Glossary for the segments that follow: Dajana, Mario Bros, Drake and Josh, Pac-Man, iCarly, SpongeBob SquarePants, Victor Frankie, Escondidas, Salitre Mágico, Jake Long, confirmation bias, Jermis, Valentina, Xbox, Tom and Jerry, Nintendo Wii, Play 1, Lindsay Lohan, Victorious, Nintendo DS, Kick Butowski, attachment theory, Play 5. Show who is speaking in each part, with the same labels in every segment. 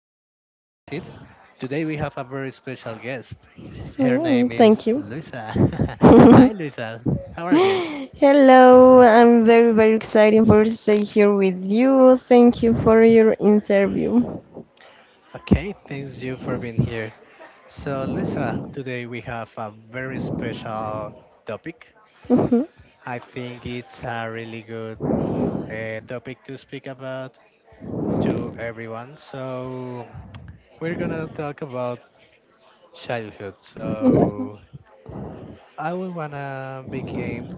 Speaker 1: My name is Jessit. Today we have a very special guest. Her
Speaker 2: Mm,
Speaker 1: name is
Speaker 2: thank you.
Speaker 1: Luisa. Hi, Luisa. How are you?
Speaker 2: Hello, I'm very, very excited for stay here with you. Thank you for your interview.
Speaker 1: Okay, thanks you for being here. So, Luisa, today we have a very special topic.
Speaker 2: Mhm,
Speaker 1: I think it's a really good topic to speak about to everyone. So, we're gonna talk about childhood.
Speaker 2: mhm.
Speaker 1: So, I will wanna begin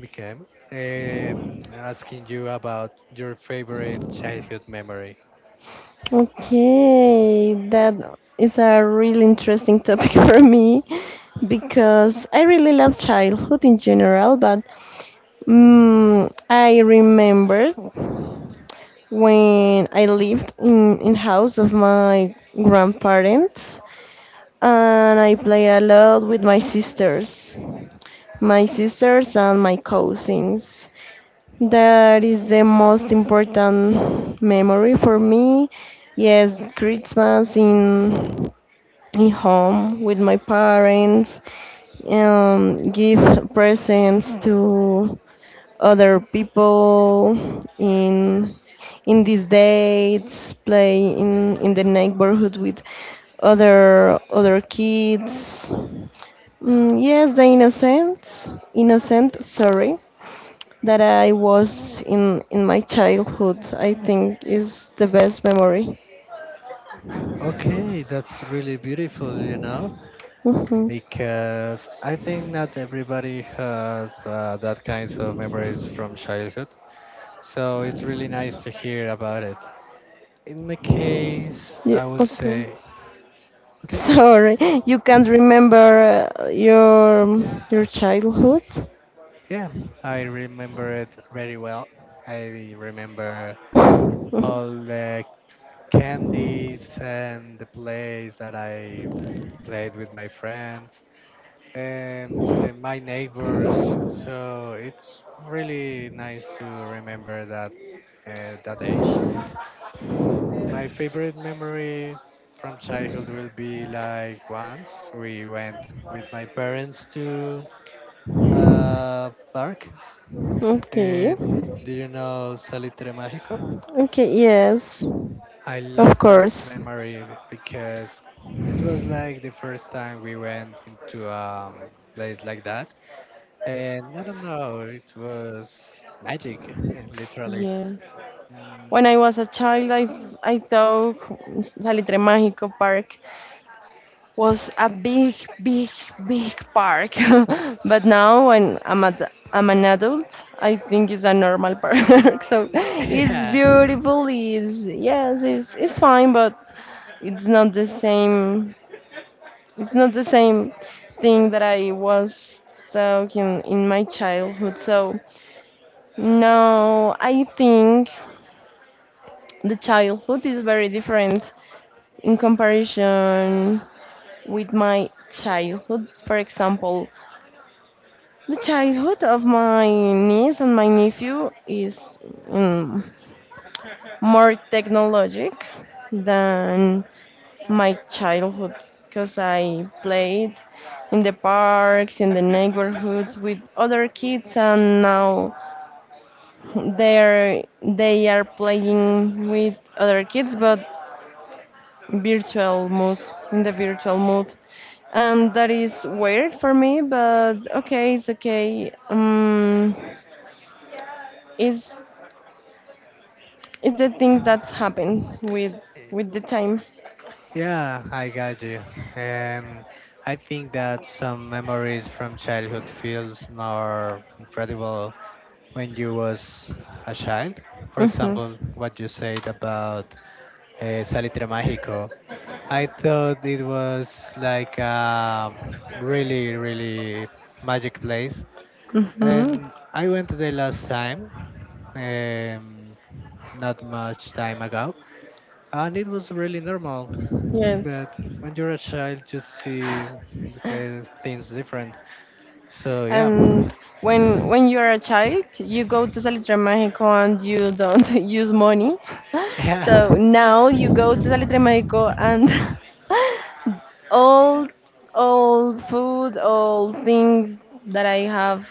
Speaker 1: became asking you about your favorite childhood memory.
Speaker 2: Okay, that is a really interesting topic for me because I really love childhood in general, but I remember when I lived in house of my grandparents, and I play a lot with my sisters and my cousins. That is the most important memory for me. Yes, Christmas in home with my parents, give presents to other people in in these dates, play in the neighborhood with other kids. Mm, yes, the innocence, innocent, sorry, that I was in my childhood, I think is the best memory.
Speaker 1: Okay, that's really beautiful,
Speaker 2: Hmm.
Speaker 1: because I think not everybody has that kinds of memories from childhood. So it's really nice to hear about it. In my case,
Speaker 2: Yeah,
Speaker 1: I would
Speaker 2: okay.
Speaker 1: say, okay,
Speaker 2: Sorry, you can't remember your childhood.
Speaker 1: yeah, I remember it very well. I remember all the candies and the plays that I played with my friends and the, my neighbors. So it's really nice to remember that that age. My favorite memory from childhood will be like once we went with my parents to a park.
Speaker 2: Okay.
Speaker 1: It, do you know Salitre Mágico?
Speaker 2: Okay, yes.
Speaker 1: I love
Speaker 2: Of
Speaker 1: that
Speaker 2: course.
Speaker 1: memory because it was like the first time we went into a place like that. And I don't know, it was magic, literally.
Speaker 2: Yes.
Speaker 1: Mm,
Speaker 2: When I was a child, I thought Salitre Mágico Park was a big, big, big park. But now when I'm an adult, I think it's a normal park. So it's
Speaker 1: yeah.
Speaker 2: beautiful. It's Yes, it's fine, but it's not the same. It's not the same thing that I was talking in my childhood. So no, I think the childhood is very different in comparison with my childhood. For example, the childhood of my niece and my nephew is um, more technologic than my childhood, because I played in the parks, in the neighborhoods with other kids, and now they are playing with other kids but virtual mode, in the virtual mode. And that is weird for me, but okay, it's okay. It's It's the things that's happened with
Speaker 1: eh,
Speaker 2: the time.
Speaker 1: Yeah, I got you. Um, I think that some memories from childhood feels more incredible when you was a child. For
Speaker 2: Hmm.
Speaker 1: example, what you said about Salitre Mágico. I thought it was like a really, really magic place.
Speaker 2: Hmm.
Speaker 1: And I went the last time, um, not much time ago, and it was really normal.
Speaker 2: Yes.
Speaker 1: But when you're a child, you see the things different. So yeah,
Speaker 2: And when you're a child, you go to Salitre Mágico and you don't use money.
Speaker 1: yeah,
Speaker 2: So now you go to Salitre Mágico and all all food, all things that I have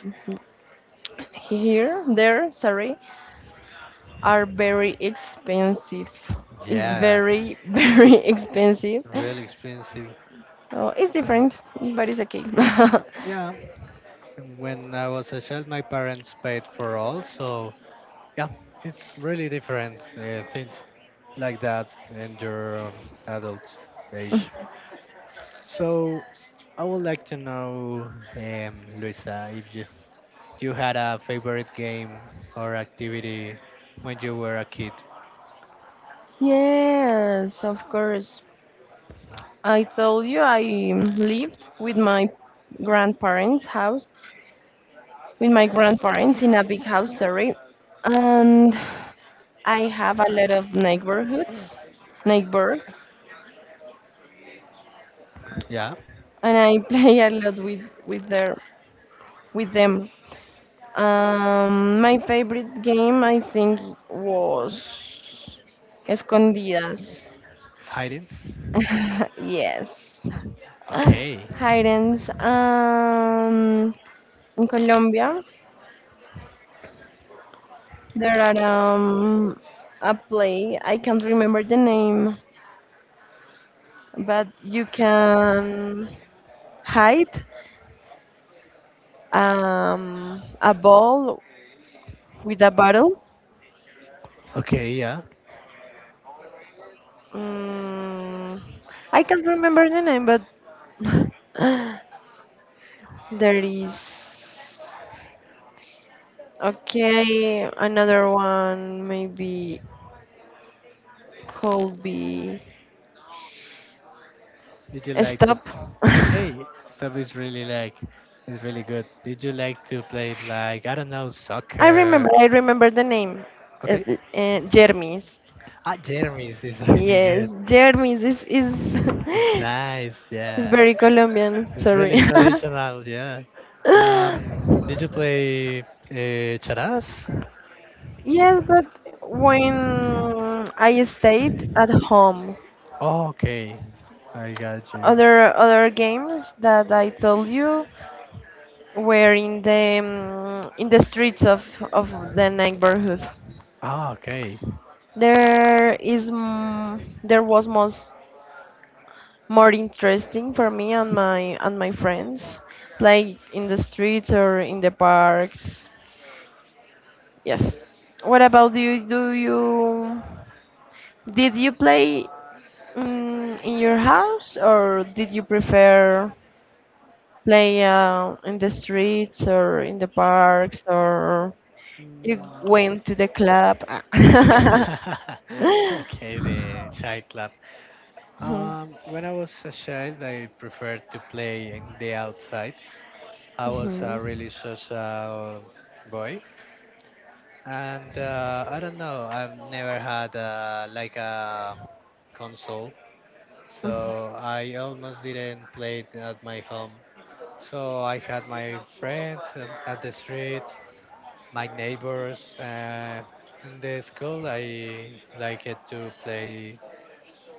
Speaker 2: here, there, sorry, are very expensive. It's
Speaker 1: yeah.
Speaker 2: very, very
Speaker 1: It's
Speaker 2: expensive.
Speaker 1: really expensive.
Speaker 2: Oh, it's
Speaker 1: Uh,
Speaker 2: different, but it's okay.
Speaker 1: yeah And when I was a child, my parents paid for all. So yeah, it's really different things like that in your adult age. So I would like to know, Luisa, if you had a favorite game or activity when you were a kid.
Speaker 2: Yes, of course. I told you I lived with my grandparents' house, with my grandparents in a big house, sorry. And I have a lot of neighborhoods, neighbors,
Speaker 1: Yeah,
Speaker 2: and I play a lot with them. My favorite game, I think, was Escondidas.
Speaker 1: hide.
Speaker 2: Yes.
Speaker 1: Okay,
Speaker 2: Items. In Colombia, there are a play. I can't remember the name, but you can hide a ball with a bottle.
Speaker 1: okay, yeah.
Speaker 2: Mm, I can't remember the name, but there is. Okay, another one maybe could be
Speaker 1: Did you like to?
Speaker 2: stop.
Speaker 1: Okay, stuff is really like it's really good. Did you like to play like I don't know
Speaker 2: I
Speaker 1: soccer?
Speaker 2: remember, I remember the name,
Speaker 1: Okay,
Speaker 2: Jermis.
Speaker 1: Jeremy's is really
Speaker 2: Yes,
Speaker 1: good.
Speaker 2: Jermis is
Speaker 1: It's nice,
Speaker 2: is
Speaker 1: yeah.
Speaker 2: very Colombian.
Speaker 1: It's really
Speaker 2: Sorry.
Speaker 1: traditional, yeah. Did you play charas?
Speaker 2: Yes, but when I stayed at home,
Speaker 1: Oh, okay, I got you.
Speaker 2: other games that I told you were in the streets of the neighborhood.
Speaker 1: Ah, okay.
Speaker 2: There was most more interesting for me and my friends, like in the streets or in the parks. Yes. What about you? Do you did you play in your house, or did you prefer play in the streets or in the parks, or you
Speaker 1: Mm.
Speaker 2: went to the club?
Speaker 1: okay, the child club.
Speaker 2: Mhm,
Speaker 1: When I was a child, I preferred to play in the outside. I was a
Speaker 2: mhm.
Speaker 1: really social boy, and I don't know. I've never had like a console, so I almost didn't play it at my home. So I had my friends at the street, my neighbors, and the school. I liked to play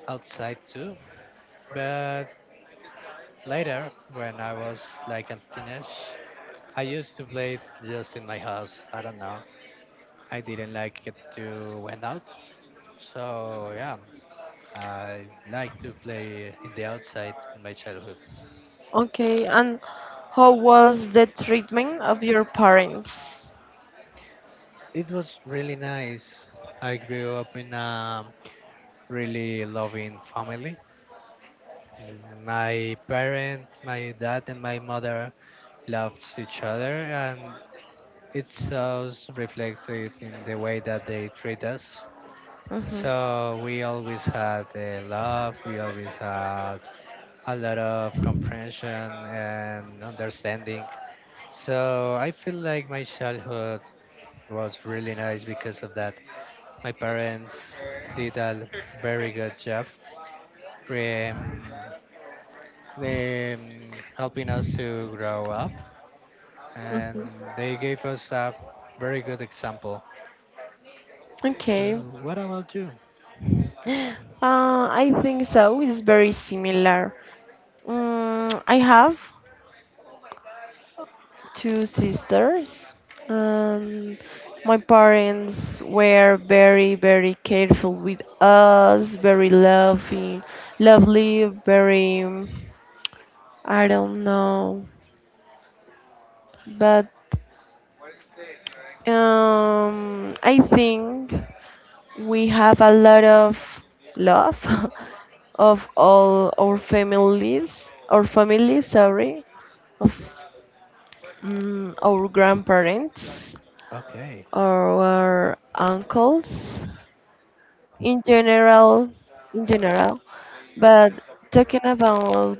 Speaker 1: outside too. But later, when I was like a teenage, I used to play it just in my house. I don't know. I didn't like it to went out. So yeah, I like to play in the outside in my childhood.
Speaker 2: Okay, and how was the treatment of your parents?
Speaker 1: It was really nice. I grew up in a really loving family. My parent, my dad, and my mother loved each other, and it's was reflected in the way that they treat us.
Speaker 2: Mm-hmm.
Speaker 1: So we always had love, we always had a lot of comprehension and understanding. So I feel like my childhood was really nice because of that. My parents did a very good job um, helping us to grow up, and
Speaker 2: Mm-hmm.
Speaker 1: they gave us a very good example. So,
Speaker 2: Okay.
Speaker 1: what about you?
Speaker 2: Uh, I think so. It's very similar. I have two sisters, and my parents were very, very careful with us, very loving, lovely, very, I don't know, but I think. We have a lot of love of all our families, our family, sorry, of our grandparents,
Speaker 1: Okay.
Speaker 2: our uncles, in general, in general. But talking about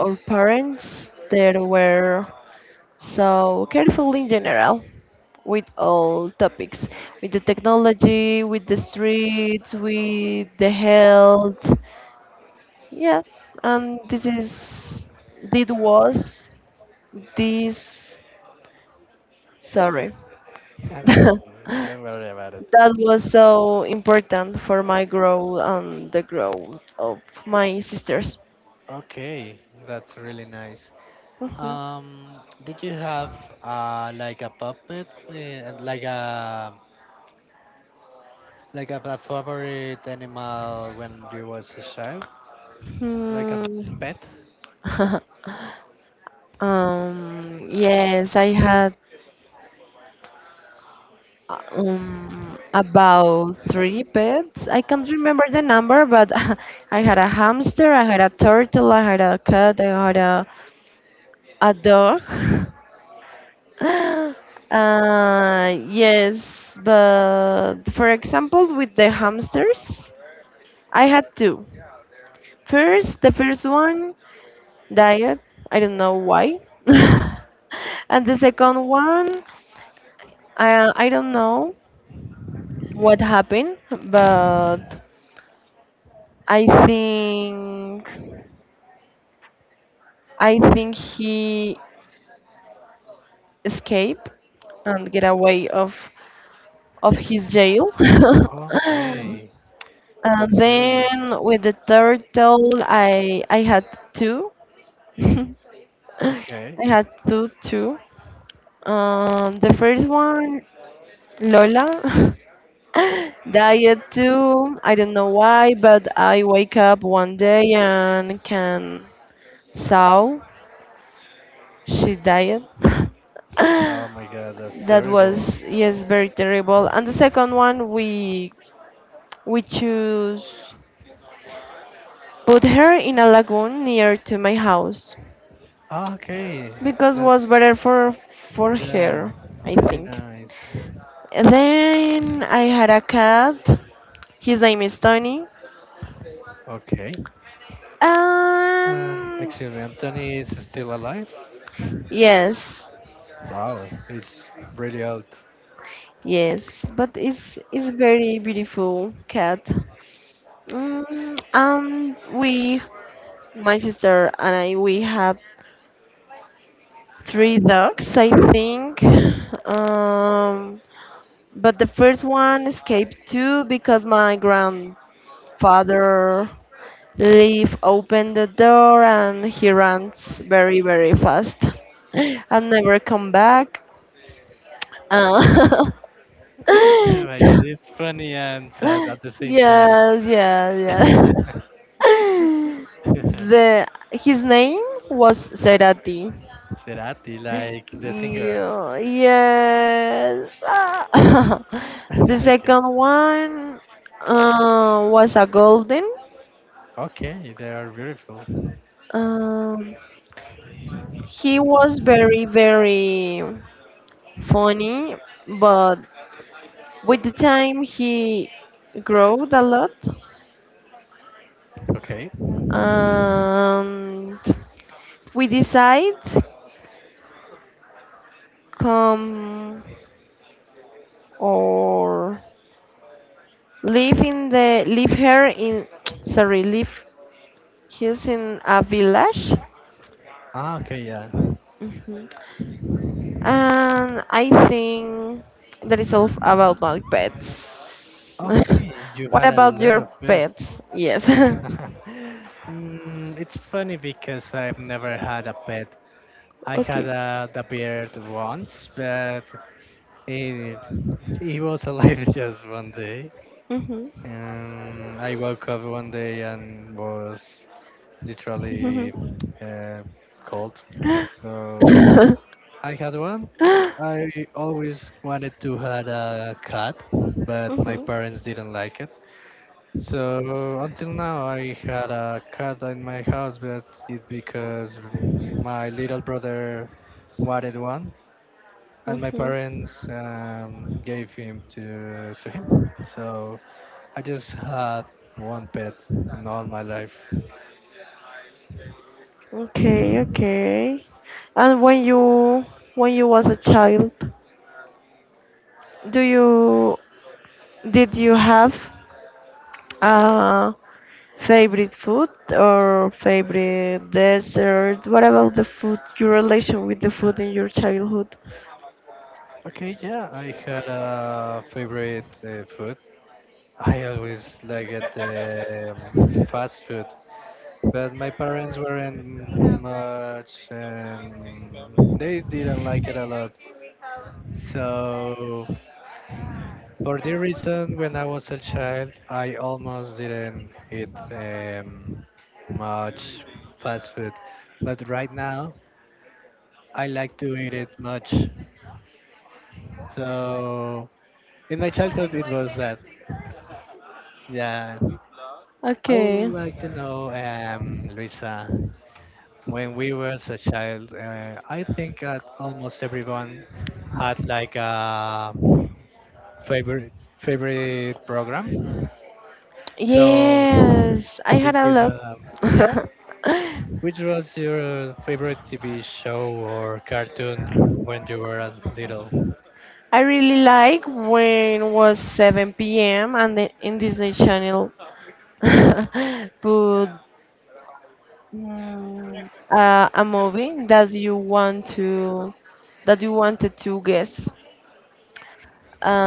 Speaker 2: our parents, they were so careful in general with all topics, with the technology, with the streets, with the health. Yeah, and this was this sorry.
Speaker 1: And then
Speaker 2: That
Speaker 1: don't worry about it.
Speaker 2: was so important for my growth and the growth of my sisters.
Speaker 1: Okay, that's really nice.
Speaker 2: Mhm.
Speaker 1: Um, did you have like a puppet, like a favorite animal when you was a child, like a
Speaker 2: Hmm.
Speaker 1: pet?
Speaker 2: Yes, I had about three pets. I can't remember the number, but I had a hamster, I had a turtle, I had a cat, I had a dog. Yes, but for example, with the hamsters, I had two. First, the first one died. I don't know why. And the second one, I don't know what happened, but I think I think he escaped and get away of his jail.
Speaker 1: Okay,
Speaker 2: And
Speaker 1: that's terrible.
Speaker 2: then with the turtle, I had two.
Speaker 1: Okay.
Speaker 2: I had two too. The first one, Lola, died too. I don't know why, but I wake up one day and can saw she died.
Speaker 1: Oh my god, that's
Speaker 2: That
Speaker 1: terrible.
Speaker 2: was, yes, very terrible. And the second one, we choose put her in a lagoon near to my house
Speaker 1: Okay,
Speaker 2: because was
Speaker 1: that's,
Speaker 2: better for
Speaker 1: yeah,
Speaker 2: her, I
Speaker 1: really
Speaker 2: think.
Speaker 1: nice.
Speaker 2: And then I had a cat. His name is Tony.
Speaker 1: Okay. And
Speaker 2: Um,
Speaker 1: excuse me, Anthony is still alive?
Speaker 2: yes,
Speaker 1: Wow, he's really old.
Speaker 2: yes, but it's very beautiful cat. And we, my sister and I, we have three dogs, I think. Um, but the first one escaped too because my grandfather Leaf opened the door and he runs very, very fast. And never come back. Uh,
Speaker 1: Oh my god, it's funny and sad at the same time.
Speaker 2: yes, yes, yes. The his name was Cerati.
Speaker 1: Cerati, like the singer.
Speaker 2: Yeah, yes. Ah. The
Speaker 1: Okay.
Speaker 2: second one was a golden.
Speaker 1: Okay, they are beautiful.
Speaker 2: Um, he was very, very funny, but with the time he growed a lot,
Speaker 1: Okay.
Speaker 2: and we decide come or live in the live here in sorry, live, he's in a village.
Speaker 1: Ah, okay, yeah.
Speaker 2: Mhm. And I think that is all about my pets.
Speaker 1: Okay, you
Speaker 2: What
Speaker 1: had a
Speaker 2: about
Speaker 1: lot
Speaker 2: your
Speaker 1: of best.
Speaker 2: pets? Yes.
Speaker 1: It's funny because I've never had a pet. I had
Speaker 2: Okay.
Speaker 1: a the beard once, but he, he was alive just one day.
Speaker 2: Mhm.
Speaker 1: I woke up one day and was literally uh, cold. So
Speaker 2: Mhm.
Speaker 1: I had one. I always wanted to had a cat, but my
Speaker 2: Mhm.
Speaker 1: parents didn't like it. So until now, I had a cat in my house, but it's because my little brother wanted one, and my parents gave him to him. So I just had one pet in all my life.
Speaker 2: Okay, okay. And when you was a child, do you did you have a favorite food or favorite dessert? What about the food? Your relation with the food in your childhood?
Speaker 1: Okay, yeah, I had a favorite food. I always liked fast food. But my parents weren't much. They didn't like it a lot. So for the reason, when I was a child, I almost didn't eat much fast food. But right now, I like to eat it much. So in my childhood, it was that. Yeah. I would
Speaker 2: Okay.
Speaker 1: like to know, Luisa. When we was a child, I think that almost everyone had like a favorite favorite program. So,
Speaker 2: Yes, I had
Speaker 1: did
Speaker 2: a
Speaker 1: you
Speaker 2: lot.
Speaker 1: have? Yeah, which was your favorite TV show or cartoon when you were a little?
Speaker 2: I really like when it was 7 p.m. and in Disney Channel. But a movie that you wanted to guess.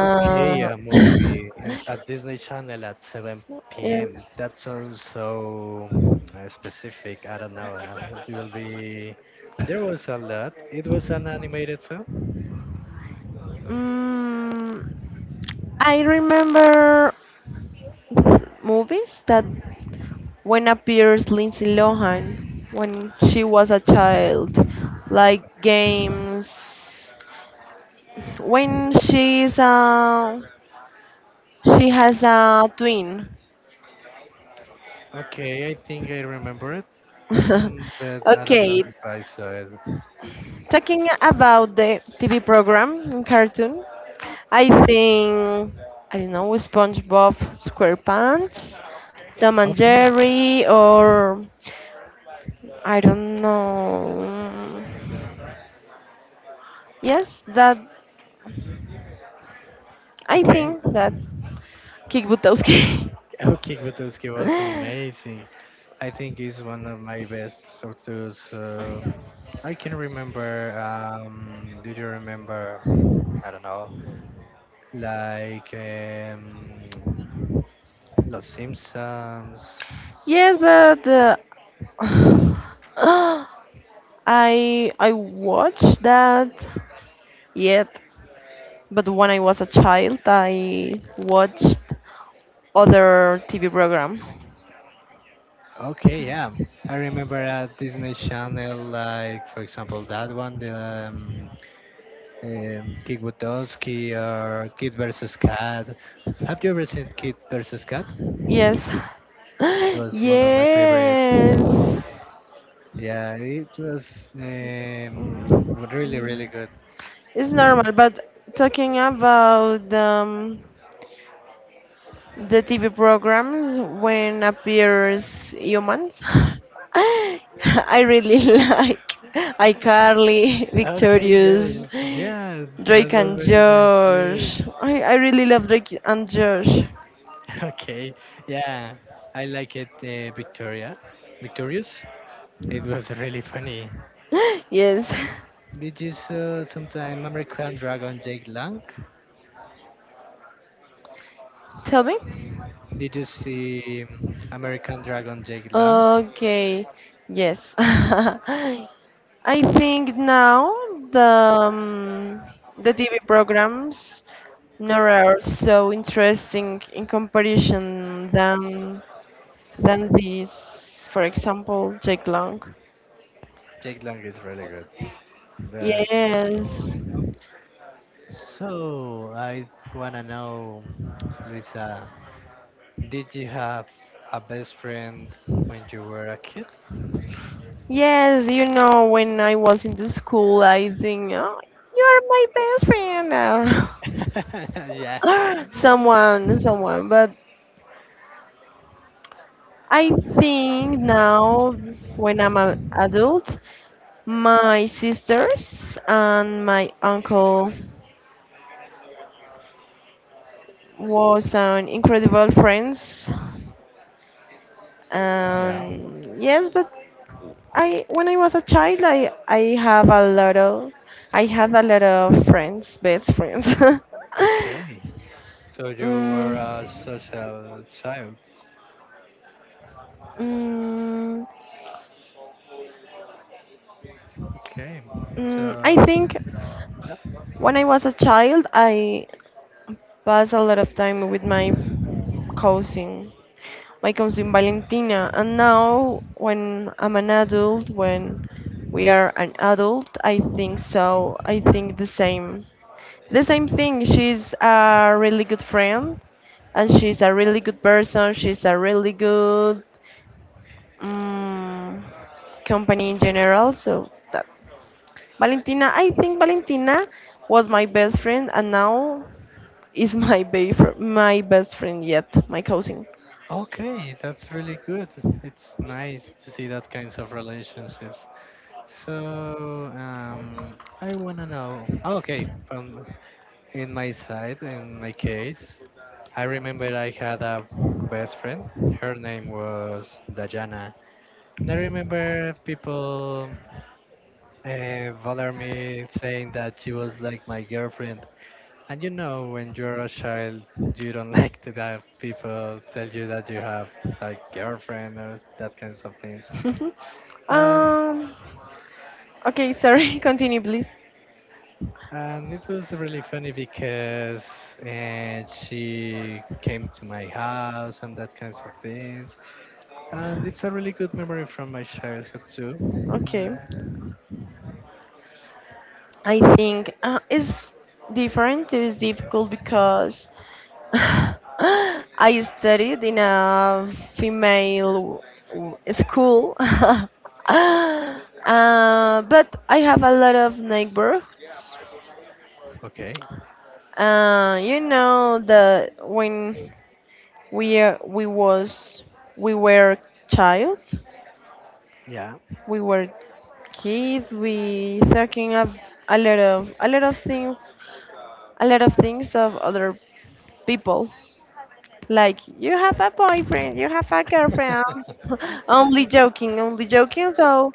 Speaker 1: Okay, a movie and
Speaker 2: yes.
Speaker 1: at Disney Channel at 7 p.m. That sounds so specific. I don't know. It will be. There was a lot. It was an animated film.
Speaker 2: Mm, I remember movies that when appears Lindsay Lohan when she was a child, like games. When she's She has a twin.
Speaker 1: Okay, I think I remember it, but I don't know
Speaker 2: Okay.
Speaker 1: if I saw it.
Speaker 2: Talking about the TV program cartoon, I think I don't know SpongeBob SquarePants, Tom and
Speaker 1: Okay,
Speaker 2: Jerry, or I don't know. Yes, that I
Speaker 1: okay.
Speaker 2: think that Kick Butowski.
Speaker 1: Okay, Gutowski was amazing. I think he's one of my best sorters. I can remember. Do you remember? I don't know. Like Los Simpsons.
Speaker 2: Yes, but I watched that yet, but when I was a child, I watched other TV program.
Speaker 1: Okay, yeah. I remember a Disney Channel, like for example that one, the um, Kid Butowski or Kid versus Cat. Have you ever seen Kid versus Cat?
Speaker 2: Yes.
Speaker 1: It was one of my favorite.
Speaker 2: Yes.
Speaker 1: Yeah, it was
Speaker 2: Mm,
Speaker 1: really really
Speaker 2: mm.
Speaker 1: good.
Speaker 2: It's normal, but talking about the TV programs when appears humans, I really like iCarly,
Speaker 1: Okay, yeah,
Speaker 2: Victorious,
Speaker 1: yeah, that
Speaker 2: Drake
Speaker 1: was
Speaker 2: and
Speaker 1: really nice too.
Speaker 2: Josh. I really love Drake and Josh.
Speaker 1: Okay, yeah, I like it, Victoria. Victorious. It was really funny.
Speaker 2: Yes.
Speaker 1: Did you saw sometime American Dragon Jake Lang?
Speaker 2: Tell me.
Speaker 1: Did you see American Dragon Jake Lang?
Speaker 2: Okay, yes. I think now the um, the TV programs now are so interesting in comparison than this, for example, Jake Long.
Speaker 1: Jake Lang is really good. But yeah.
Speaker 2: Yes,
Speaker 1: So I wanna know, Luisa, did you have a best friend when you were a kid?
Speaker 2: yes. You know, when I was in the school, I think oh, you are my best friend.
Speaker 1: Yeah.
Speaker 2: But I think now, when I'm an adult, my sisters and my uncle was an incredible friends.
Speaker 1: Yeah.
Speaker 2: And yes, but I when I was a child, I have a lot of I had a lot of friends, best friends.
Speaker 1: Okay. So you
Speaker 2: mm,
Speaker 1: were a social child.
Speaker 2: mm,
Speaker 1: Okay,
Speaker 2: I
Speaker 1: so
Speaker 2: think
Speaker 1: yeah,
Speaker 2: when I was a child, I passed a lot of time with cousin. my cousin Valentina. And now, when I'm an adult, when we are an adult, I think so. I think the same. The same thing. She's a really good friend, and she's a really good person. She's a really good um, company in general. So that Valentina, I think Valentina was my best friend, and now is my best friend yet, my cousin.
Speaker 1: okay, that's really good. It's nice to see that kinds of relationships. So I wanna know. Oh, okay, from in my side, in my case, I remember I had a best friend. Her name was Dajana. And I remember people bother me saying that she was like my girlfriend. And you know, when you're a child, you don't like to that people tell you that you have like girlfriend or that kinds of things. And
Speaker 2: um, Okay, sorry, continue, please.
Speaker 1: and it was really funny because and she came to my house and that kinds of things. And it's a really good memory from my childhood too.
Speaker 2: Okay.
Speaker 1: Mm,
Speaker 2: I think it's different, it is difficult because I studied in a female school. But I have a lot of neighbors.
Speaker 1: okay,
Speaker 2: You know that when we uh, we was we were child,
Speaker 1: yeah,
Speaker 2: we were kids. We talking of a lot of things, a lot of things of other people. Like you have a boyfriend, you have a girlfriend. Only joking, only joking. So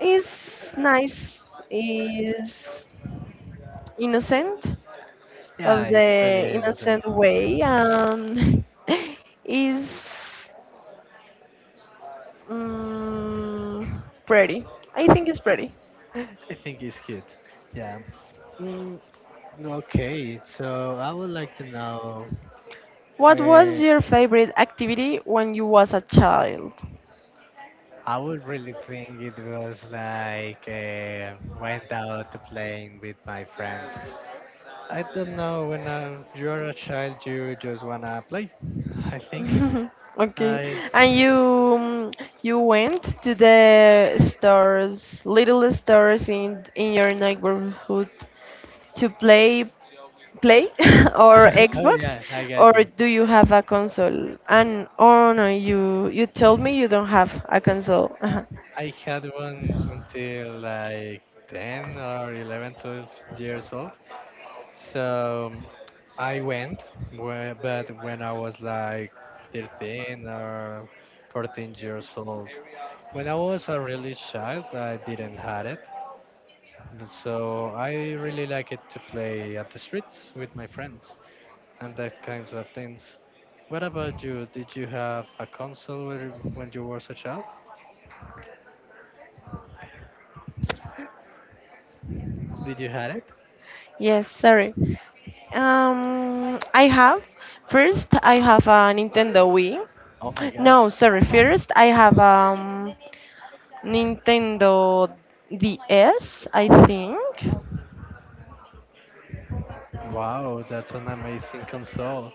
Speaker 2: it's nice. It's innocent
Speaker 1: yeah,
Speaker 2: of the
Speaker 1: it's really innocent.
Speaker 2: innocent way, and is pretty. I think it's pretty.
Speaker 1: I think it's cute. Yeah. Mm, Okay, so I would like to know.
Speaker 2: What was
Speaker 1: Uh,
Speaker 2: your favorite activity when you was a child?
Speaker 1: I would really think it was like went out to playing with my friends. I don't know. When you're a child, you just wanna play. I think.
Speaker 2: Okay,
Speaker 1: I
Speaker 2: and you went to the stores, little stores in your neighborhood to play play or
Speaker 1: Oh
Speaker 2: Xbox,
Speaker 1: yeah, I
Speaker 2: or
Speaker 1: got you.
Speaker 2: do you have a console? And oh no, you told me you don't have a console.
Speaker 1: I had one until like 10 or 11, 12 years old. So I went, but when I was like 13 or 14 years old. When I was a really child, I didn't had it. So I really like it to play at the streets with my friends and that kinds of things. What about you? Did you have a console when you was a child? Did you had it?
Speaker 2: Yes, sorry. I have. First, I have a Nintendo Wii.
Speaker 1: Oh my
Speaker 2: No,
Speaker 1: gosh.
Speaker 2: sorry. First, I have Nintendo DS, I think.
Speaker 1: Wow, that's an amazing console.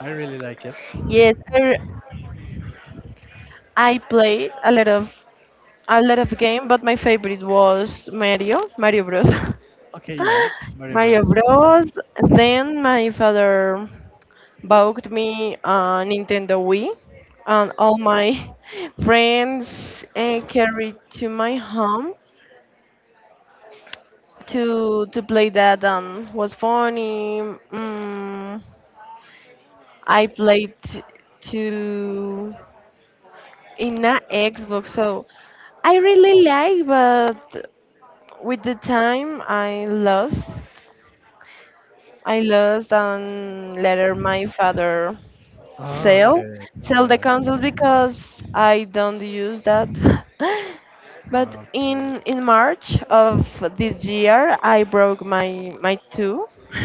Speaker 1: I really like it.
Speaker 2: Yes, I played a lot of game, but my favorite was Mario, Mario Bros.
Speaker 1: Okay, yeah, Mario
Speaker 2: Mario
Speaker 1: Bros.
Speaker 2: Bros. Then my father bought me a Nintendo Wii, and all my friends carried to my home to play that, and was funny. Mm, I played to in a Xbox, so I really like, but with the time I lost. I lost, and later my father
Speaker 1: Ah,
Speaker 2: sell
Speaker 1: okay,
Speaker 2: sell the
Speaker 1: yeah,
Speaker 2: consoles because I don't use that. But
Speaker 1: okay.
Speaker 2: in March of this year, I broke my two,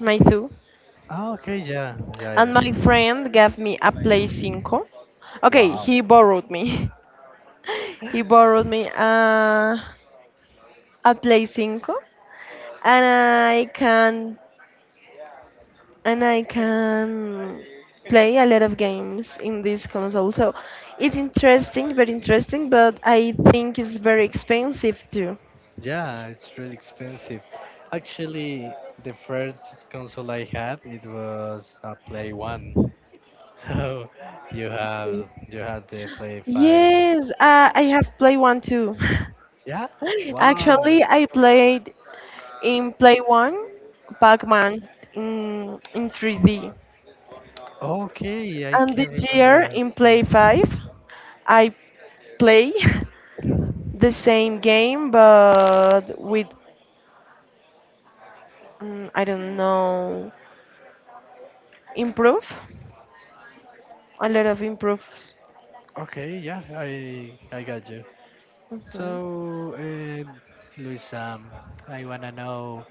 Speaker 2: my two,
Speaker 1: Ah, okay, yeah, Jair.
Speaker 2: and my friend gave me a Play 5. Okay,
Speaker 1: Wow.
Speaker 2: he borrowed me. He borrowed me a Play 5, and I can play a lot of games in this console. So it's interesting, very interesting, but I think it's very expensive too.
Speaker 1: Yeah, it's really expensive. Actually, the first console I had, it was a Play 1. So you had the Play 5.
Speaker 2: Yes, I have Play 1 too.
Speaker 1: Yeah?
Speaker 2: Actually,
Speaker 1: Wow.
Speaker 2: I played in Play 1 Pac-Man in 3D.
Speaker 1: Okay, I
Speaker 2: And
Speaker 1: can
Speaker 2: this year
Speaker 1: remember.
Speaker 2: in
Speaker 1: Yeah.
Speaker 2: Play 5, I play the same game but with, I don't know, improve. A lot of improves.
Speaker 1: Okay, yeah, I got you.
Speaker 2: Mhm.
Speaker 1: So, Luis, I wanna know.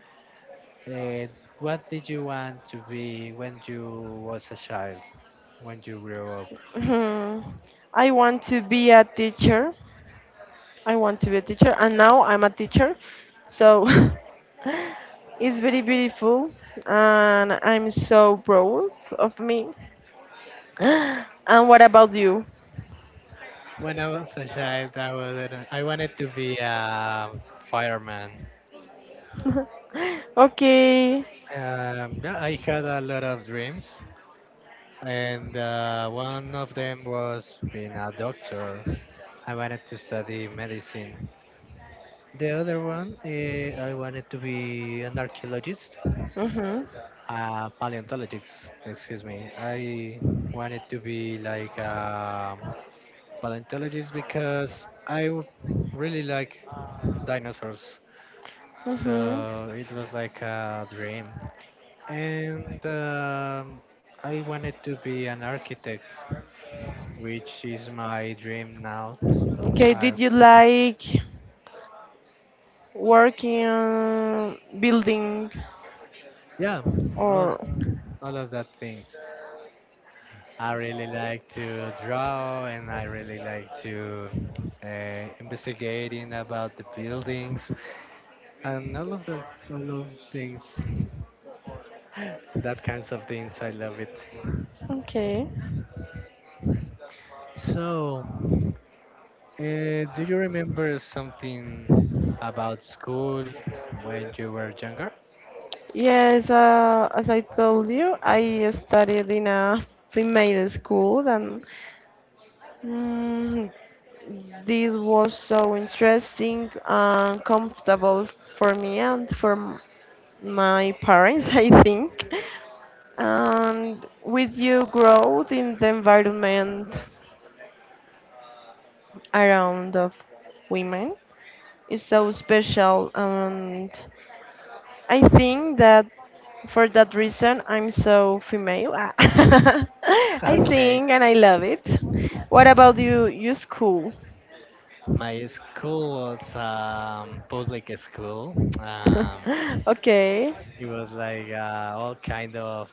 Speaker 1: Uh, what did you want to be when you was a child? When you grew up?
Speaker 2: Mhm. I want to be a teacher. I want to be a teacher, and now I'm a teacher. So it's very beautiful, and I'm so proud of me. And what about you?
Speaker 1: When I was a child, I wanted to be a fireman.
Speaker 2: Okay.
Speaker 1: Yeah, I had a lot of dreams, and one of them was being a doctor. I wanted to study medicine. The other one, I wanted to be an archaeologist,
Speaker 2: Mhm.
Speaker 1: a paleontologist. Excuse me. I wanted to be like a paleontologist because really like dinosaurs.
Speaker 2: Mhm.
Speaker 1: So it was like a dream. And I wanted to be an architect, which is my dream now.
Speaker 2: Okay.
Speaker 1: I,
Speaker 2: Did you like working on building
Speaker 1: yeah, all,
Speaker 2: or?
Speaker 1: all of that things. I really like to draw and I really like to investigating about the buildings and all of things, that kinds of things I love it.
Speaker 2: Okay.
Speaker 1: So, do you remember something about school when you were younger?
Speaker 2: Yes, as I told you, I studied in a female school, and mm, this was so interesting and comfortable for me and for my parents, I think. And with you growth in the environment around of women is so special, and I think that for that reason I'm so female. Ah. I
Speaker 1: Okay.
Speaker 2: think and I love it. What about you? You school?
Speaker 1: My school was public school. Um,
Speaker 2: Okay.
Speaker 1: it was like all kind of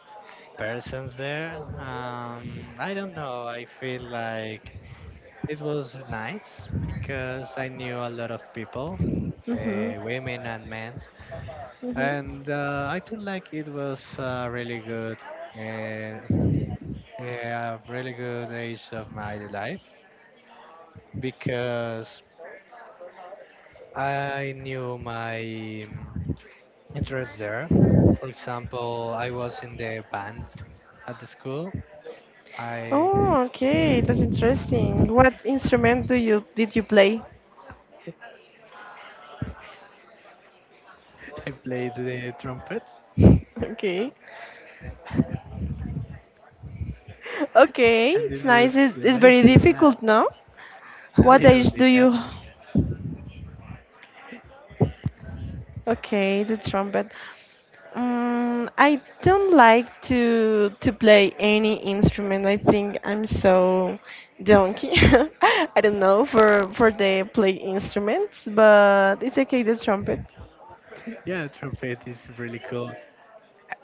Speaker 1: persons there. I don't know. I feel like it was nice because I knew a lot of people,
Speaker 2: Mhm.
Speaker 1: women and men,
Speaker 2: Mhm.
Speaker 1: and I feel like it was a really good, Uh, a really good age of my life because I knew my interest there. For example, I was in the band at the school. I
Speaker 2: Oh, okay. That's interesting. What instrument do you did you play?
Speaker 1: I played the trumpet
Speaker 2: Okay. Okay.
Speaker 1: and it
Speaker 2: It's nice.
Speaker 1: was
Speaker 2: It's very
Speaker 1: amazing. Yeah,
Speaker 2: difficult, no?
Speaker 1: a
Speaker 2: What
Speaker 1: little
Speaker 2: age do
Speaker 1: bit. Yeah,
Speaker 2: you— Okay, the trumpet. I don't like to play any instrument. I think I'm so donkey. I don't know for the play instruments, but it's okay. The trumpet.
Speaker 1: yeah, trumpet is really cool.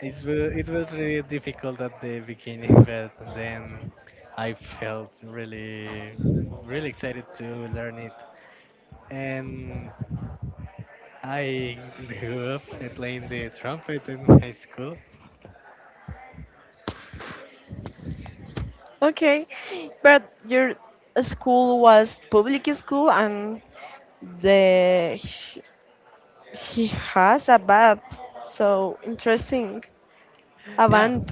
Speaker 1: It was really difficult at the beginning, but then I felt really really excited to learn it and I grew up playing the trumpet in high school.
Speaker 2: Okay, but your school was public school, and the he, has a bath. So interesting, a
Speaker 1: Yeah,
Speaker 2: band.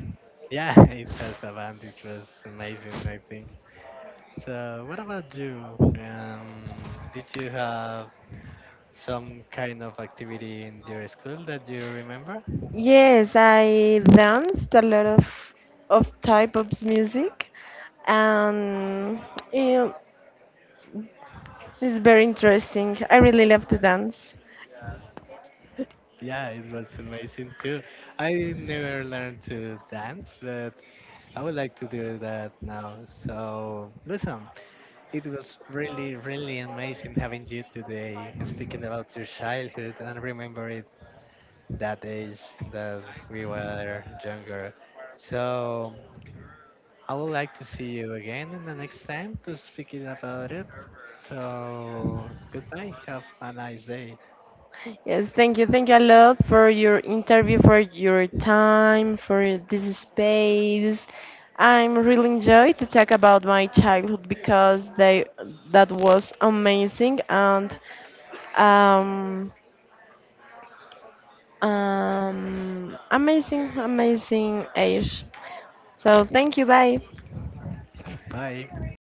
Speaker 1: yeah, it has a band. It was amazing, I think. So, what about you? Did you have some kind of activity in your school that you remember?
Speaker 2: Yes, I danced a lot of type of music, and yeah, it's very interesting. I really love to dance.
Speaker 1: Yeah, it was amazing too. I never learned to dance, but I would like to do that now. So, listen, it was really, really amazing having you today, speaking about your childhood and remember it that age that we were younger. So I would like to see you again in the next time to speak it about it. So goodbye. Have a nice day.
Speaker 2: Yes, thank you a lot for your interview, for your time, for this space. I'm really enjoyed to talk about my childhood because they that was amazing, and um, amazing, amazing age. So thank you, bye.
Speaker 1: Bye.